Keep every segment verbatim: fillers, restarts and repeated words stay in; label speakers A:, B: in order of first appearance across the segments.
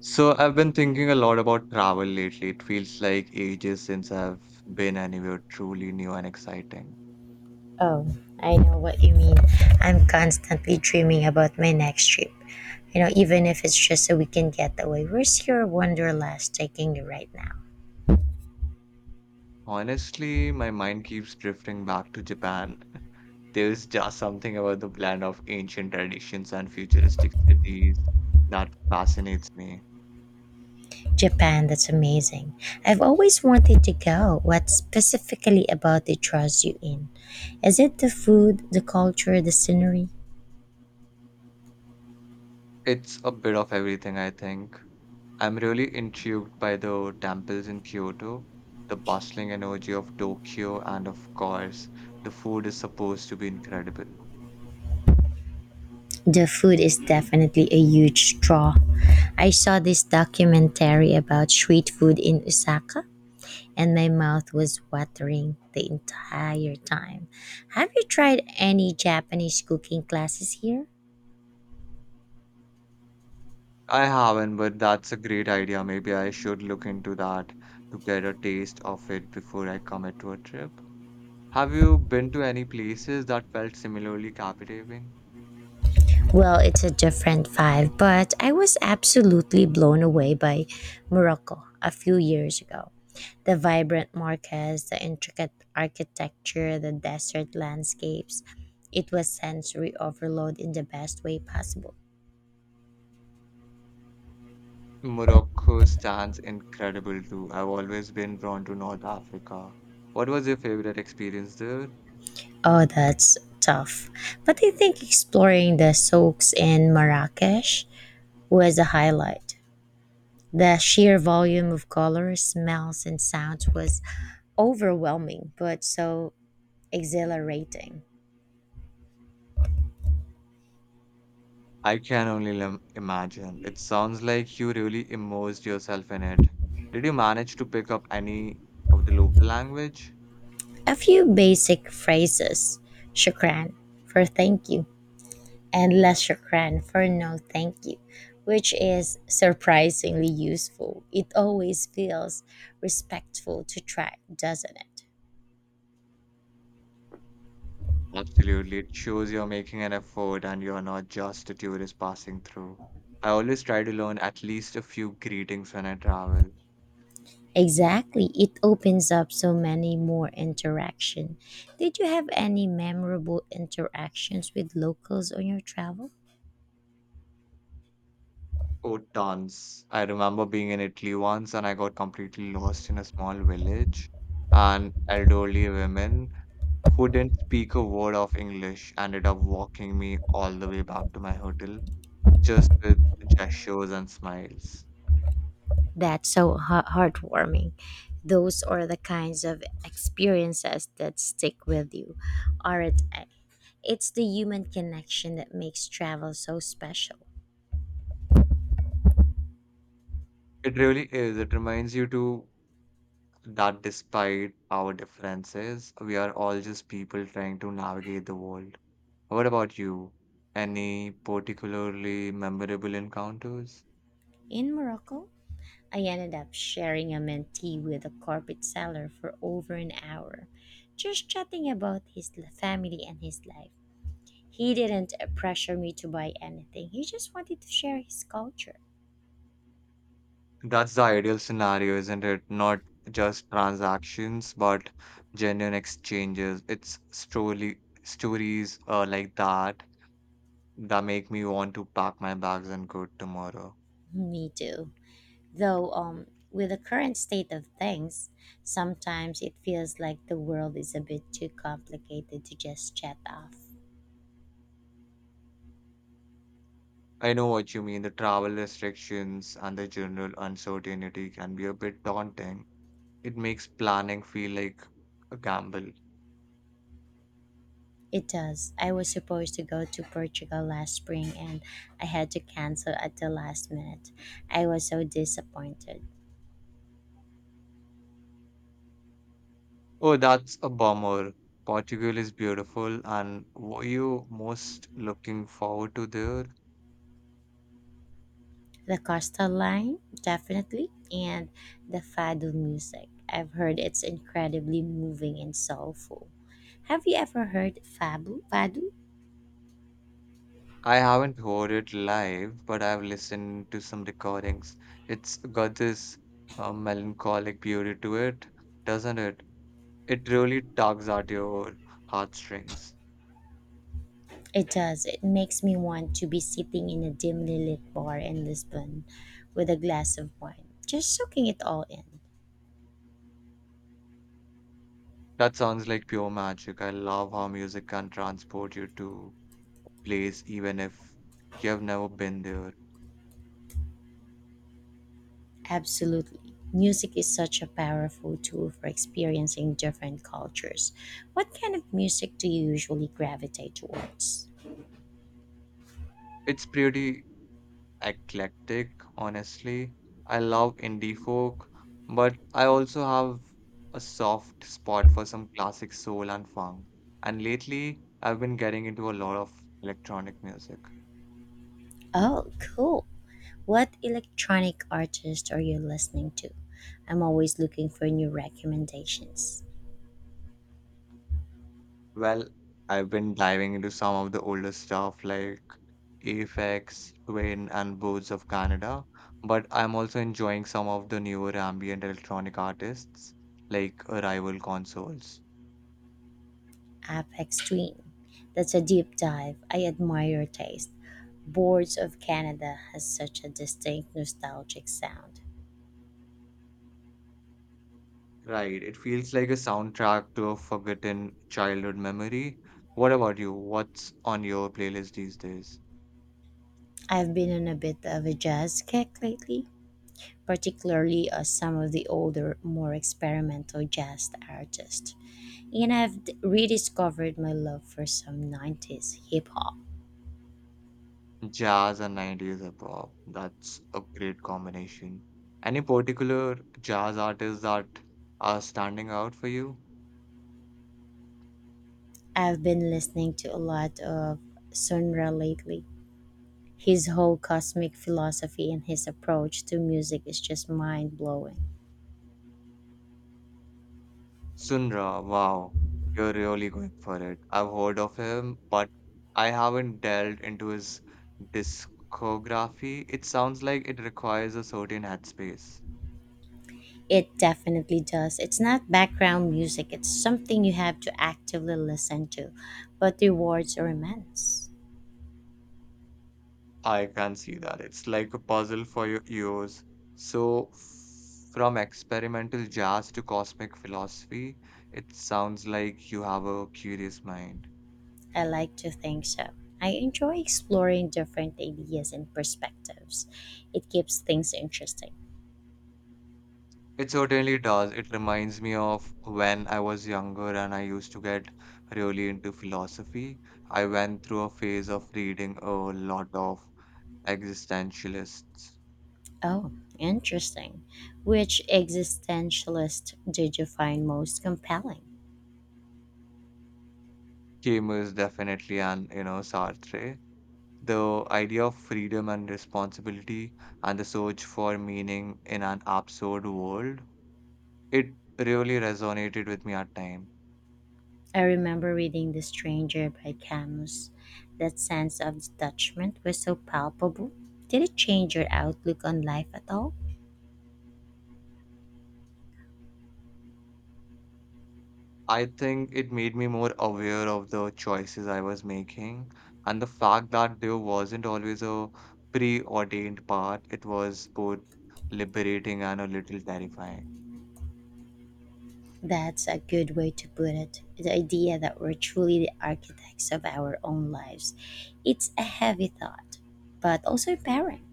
A: So I've been thinking a lot about travel lately. It feels like ages since I've been anywhere truly new and exciting.
B: Oh, I know what you mean. I'm constantly dreaming about my next trip. You know, even if it's just a weekend getaway. Where's your wanderlust taking you right now?
A: Honestly, my mind keeps drifting back to Japan. There's just something about the blend of ancient traditions and futuristic cities that fascinates me.
B: Japan, that's amazing. I've always wanted to go. What specifically about it draws you in? Is it the food, the culture, the scenery?
A: It's a bit of everything, I think. I'm really intrigued by the temples in Kyoto, the bustling energy of Tokyo, and of course, the food is supposed to be incredible.
B: The food is definitely a huge draw. I saw this documentary about street food in Osaka and my mouth was watering the entire time. Have you tried any Japanese cooking classes here?
A: I haven't, but that's a great idea. Maybe I should look into that to get a taste of it before I commit to a trip. Have you been to any places that felt similarly captivating?
B: Well, it's a different vibe, but I was absolutely blown away by Morocco a few years ago. The vibrant markets, the intricate architecture, the desert landscapes. It was sensory overload in the best way possible.
A: Morocco stands incredible too. I've always been drawn to North Africa. What was your favorite experience there?
B: Oh, that's tough. But I think exploring the souks in Marrakesh was a highlight. The sheer volume of colors, smells, and sounds was overwhelming, but so exhilarating.
A: I can only lim- imagine. It sounds like you really immersed yourself in it. Did you manage to pick up any of the local language?
B: A few basic phrases: shukran for thank you, and less shukran for no thank you, which is surprisingly useful. It always feels respectful to try, doesn't it?
A: Absolutely. It shows you're making an effort and you're not just a tourist passing through. I always try to learn at least a few greetings when I travel.
B: Exactly. It opens up so many more interaction. Did you have any memorable interactions with locals on your travel?
A: Oh, tons. I remember being in Italy once and I got completely lost in a small village. An elderly woman who didn't speak a word of English ended up walking me all the way back to my hotel just with gestures and smiles.
B: That's so ha- heartwarming. Those are the kinds of experiences that stick with you, aren't they? It's the human connection that makes travel so special.
A: It really is. It reminds you to that despite our differences, we are all just people trying to navigate the world. What about you? Any particularly memorable encounters?
B: In Morocco, I ended up sharing a mentee with a carpet seller for over an hour, just chatting about his family and his life. He didn't pressure me to buy anything. He just wanted to share his culture.
A: That's the ideal scenario, isn't it? Not just transactions, but genuine exchanges. It's story stories uh, like that that make me want to pack my bags and go tomorrow.
B: Me too. Though um with the current state of things, sometimes it feels like the world is a bit too complicated to just chat off.
A: I know what you mean. The travel restrictions and the general uncertainty can be a bit daunting. It makes planning feel like a gamble.
B: It does. I was supposed to go to Portugal last spring and I had to cancel at the last minute. I was so disappointed.
A: Oh, that's a bummer. Portugal is beautiful, and what you most looking forward to there?
B: The Costa line, definitely, and the Fado music. I've heard it's incredibly moving and soulful. Have you ever heard Fabu? Fado?
A: I haven't heard it live, but I've listened to some recordings. It's got this uh, melancholic beauty to it, doesn't it? It really tugs at your heartstrings.
B: It does. It makes me want to be sitting in a dimly lit bar in Lisbon with a glass of wine, just soaking it all in.
A: That sounds like pure magic. I love how music can transport you to place, even if you have never been there.
B: Absolutely. Music is such a powerful tool for experiencing different cultures. What kind of music do you usually gravitate towards?
A: It's pretty eclectic, honestly. I love indie folk, but I also have a soft spot for some classic soul and funk. And lately, I've been getting into a lot of electronic music.
B: Oh, cool. What electronic artist are you listening to? I'm always looking for new recommendations.
A: Well, I've been diving into some of the older stuff like Aphex Twin, and Birds of Canada, but I'm also enjoying some of the newer ambient electronic artists like Arrival Consoles.
B: Apex Twin. That's a deep dive. I admire your taste. Boards of Canada has such a distinct nostalgic sound.
A: Right. It feels like a soundtrack to a forgotten childhood memory. What about you? What's on your playlist these days?
B: I've been on a bit of a jazz kick lately, particularly uh, some of the older, more experimental jazz artists. And I've d- rediscovered my love for some nineties hip hop.
A: Jazz and nineties hip hop. That's a great combination. Any particular jazz artists that are standing out for you?
B: I've been listening to a lot of Sun Ra lately. His whole cosmic philosophy and his approach to music is just mind blowing.
A: Sundra, wow. You're really going for it. I've heard of him, but I haven't delved into his discography. It sounds like it requires a certain headspace.
B: It definitely does. It's not background music, it's something you have to actively listen to, but the rewards are immense.
A: I can see that. It's like a puzzle for your ears. So, from experimental jazz to cosmic philosophy, it sounds like you have a curious mind.
B: I like to think so. I enjoy exploring different ideas and perspectives. It keeps things interesting.
A: It certainly does. It reminds me of when I was younger and I used to get really into philosophy. I went through a phase of reading a lot of existentialists,
B: Oh, interesting. Which existentialist did you find most compelling?
A: Camus definitely, and you know, Sartre. The idea of freedom and responsibility and the search for meaning in an absurd world, it really resonated with me at time.
B: I remember reading The Stranger by Camus. That sense of detachment was so palpable. Did it change your outlook on life at all?
A: I think it made me more aware of the choices I was making and the fact that there wasn't always a preordained path. It was both liberating and a little terrifying.
B: That's a good way to put it. The idea that we're truly the architects of our own lives. It's a heavy thought, but also empowering.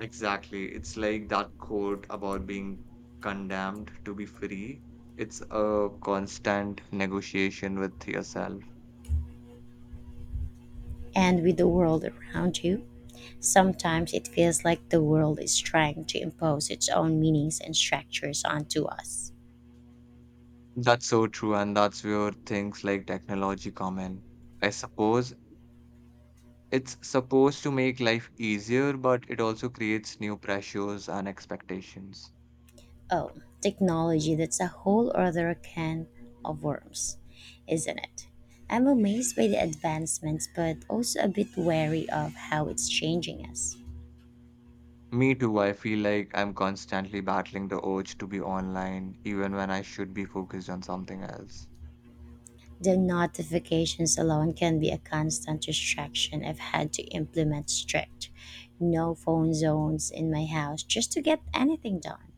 A: Exactly. It's like that quote about being condemned to be free. It's a constant negotiation with yourself.
B: And with the world around you, sometimes it feels like the world is trying to impose its own meanings and structures onto us.
A: That's so true, and that's where things like technology come in. I suppose it's supposed to make life easier, but it also creates new pressures and expectations.
B: Oh, technology, that's a whole other can of worms, isn't it? I'm amazed by the advancements, but also a bit wary of how it's changing us.
A: Me too, I feel like I'm constantly battling the urge to be online, even when I should be focused on something else.
B: The notifications alone can be a constant distraction. I've had to implement strict no phone zones in my house just to get anything done.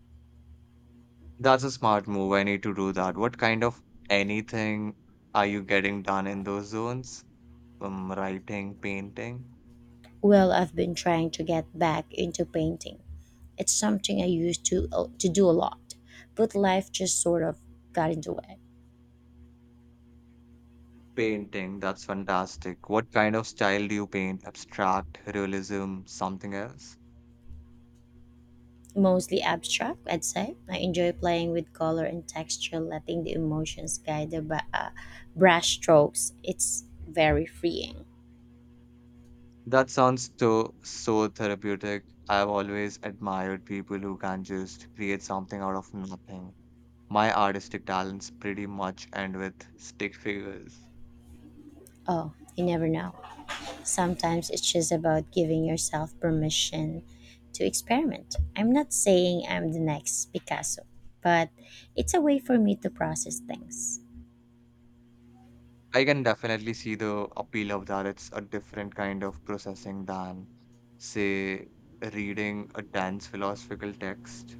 A: That's a smart move. I need to do that. What kind of anything are you getting done in those zones? Um, writing, painting?
B: Well, I've been trying to get back into painting. It's something I used to to do a lot, but life just sort of got in the way.
A: Painting, that's fantastic. What kind of style do you paint? Abstract, realism, something else?
B: Mostly abstract, I'd say. I enjoy playing with color and texture, letting the emotions guide the bra- uh, brush strokes. It's very freeing.
A: That sounds so so therapeutic. I've always admired people who can just create something out of nothing. My artistic talents pretty much end with stick figures.
B: Oh, you never know. Sometimes it's just about giving yourself permission to experiment. I'm not saying I'm the next Picasso, but it's a way for me to process things.
A: I can definitely see the appeal of that. It's a different kind of processing than, say, reading a dense philosophical text.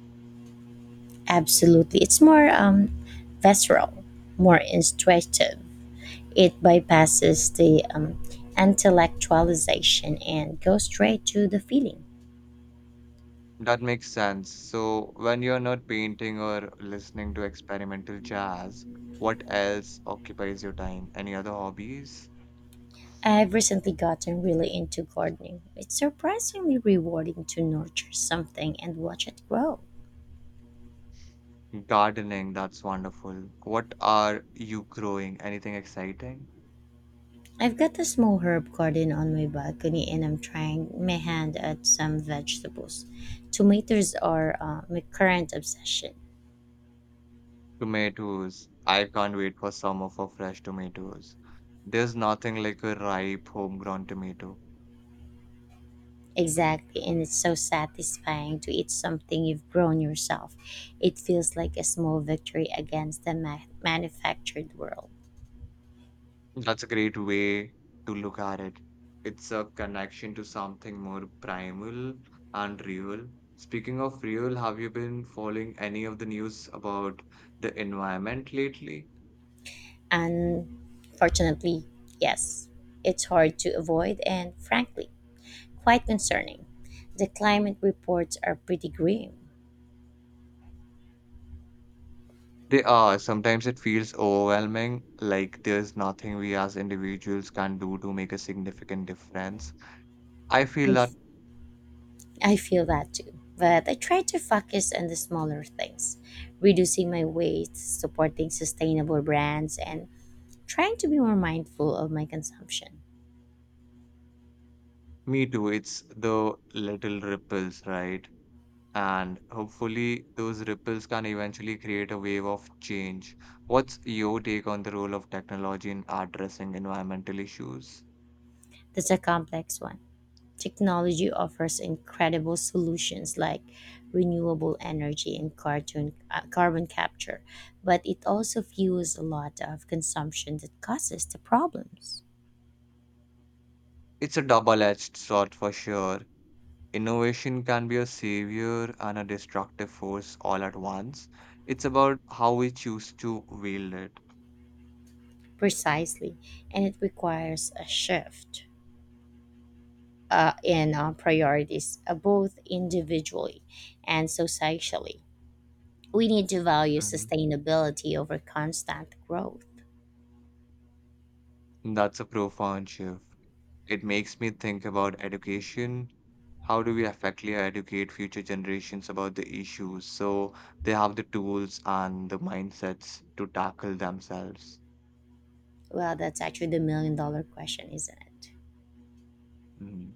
B: Absolutely. It's more um, visceral, more intuitive. It bypasses the um, intellectualization and goes straight to the feeling.
A: That makes sense. So, when you're not painting or listening to experimental jazz, what else occupies your time? Any other hobbies?
B: I've recently gotten really into gardening. It's surprisingly rewarding to nurture something and watch it grow.
A: Gardening, that's wonderful. What are you growing? Anything exciting?
B: I've got a small herb garden on my balcony and I'm trying my hand at some vegetables. Tomatoes are uh, my current obsession.
A: Tomatoes. I can't wait for summer for fresh tomatoes. There's nothing like a ripe homegrown tomato.
B: Exactly. And it's so satisfying to eat something you've grown yourself. It feels like a small victory against the ma- manufactured world.
A: That's a great way to look at it. It's a connection to something more primal and real. Speaking of real, have you been following any of the news about the environment lately?
B: Unfortunately, yes, it's hard to avoid and, frankly, quite concerning. The climate reports are pretty grim.
A: They are. Sometimes it feels overwhelming, like there's nothing we as individuals can do to make a significant difference. I feel
B: I,
A: that
B: I feel that too. But I try to focus on the smaller things, reducing my waste, supporting sustainable brands, and trying to be more mindful of my consumption.
A: me too. It's the little ripples, right? And hopefully, those ripples can eventually create a wave of change. What's your take on the role of technology in addressing environmental issues?
B: That's a complex one. Technology offers incredible solutions like renewable energy and cartoon, uh, carbon capture, but it also fuels a lot of consumption that causes the problems.
A: It's a double-edged sword for sure. Innovation can be a savior and a destructive force all at once. It's about how we choose to wield it.
B: Precisely, and it requires a shift uh, in uh, priorities, uh, both individually and societally. We need to value
A: Mhm.
B: sustainability over constant growth.
A: That's a profound shift. It makes me think about education. How do we effectively educate future generations about the issues so they have the tools and the mindsets to tackle themselves?
B: Well, that's actually the million dollar question, isn't it?
A: Mm.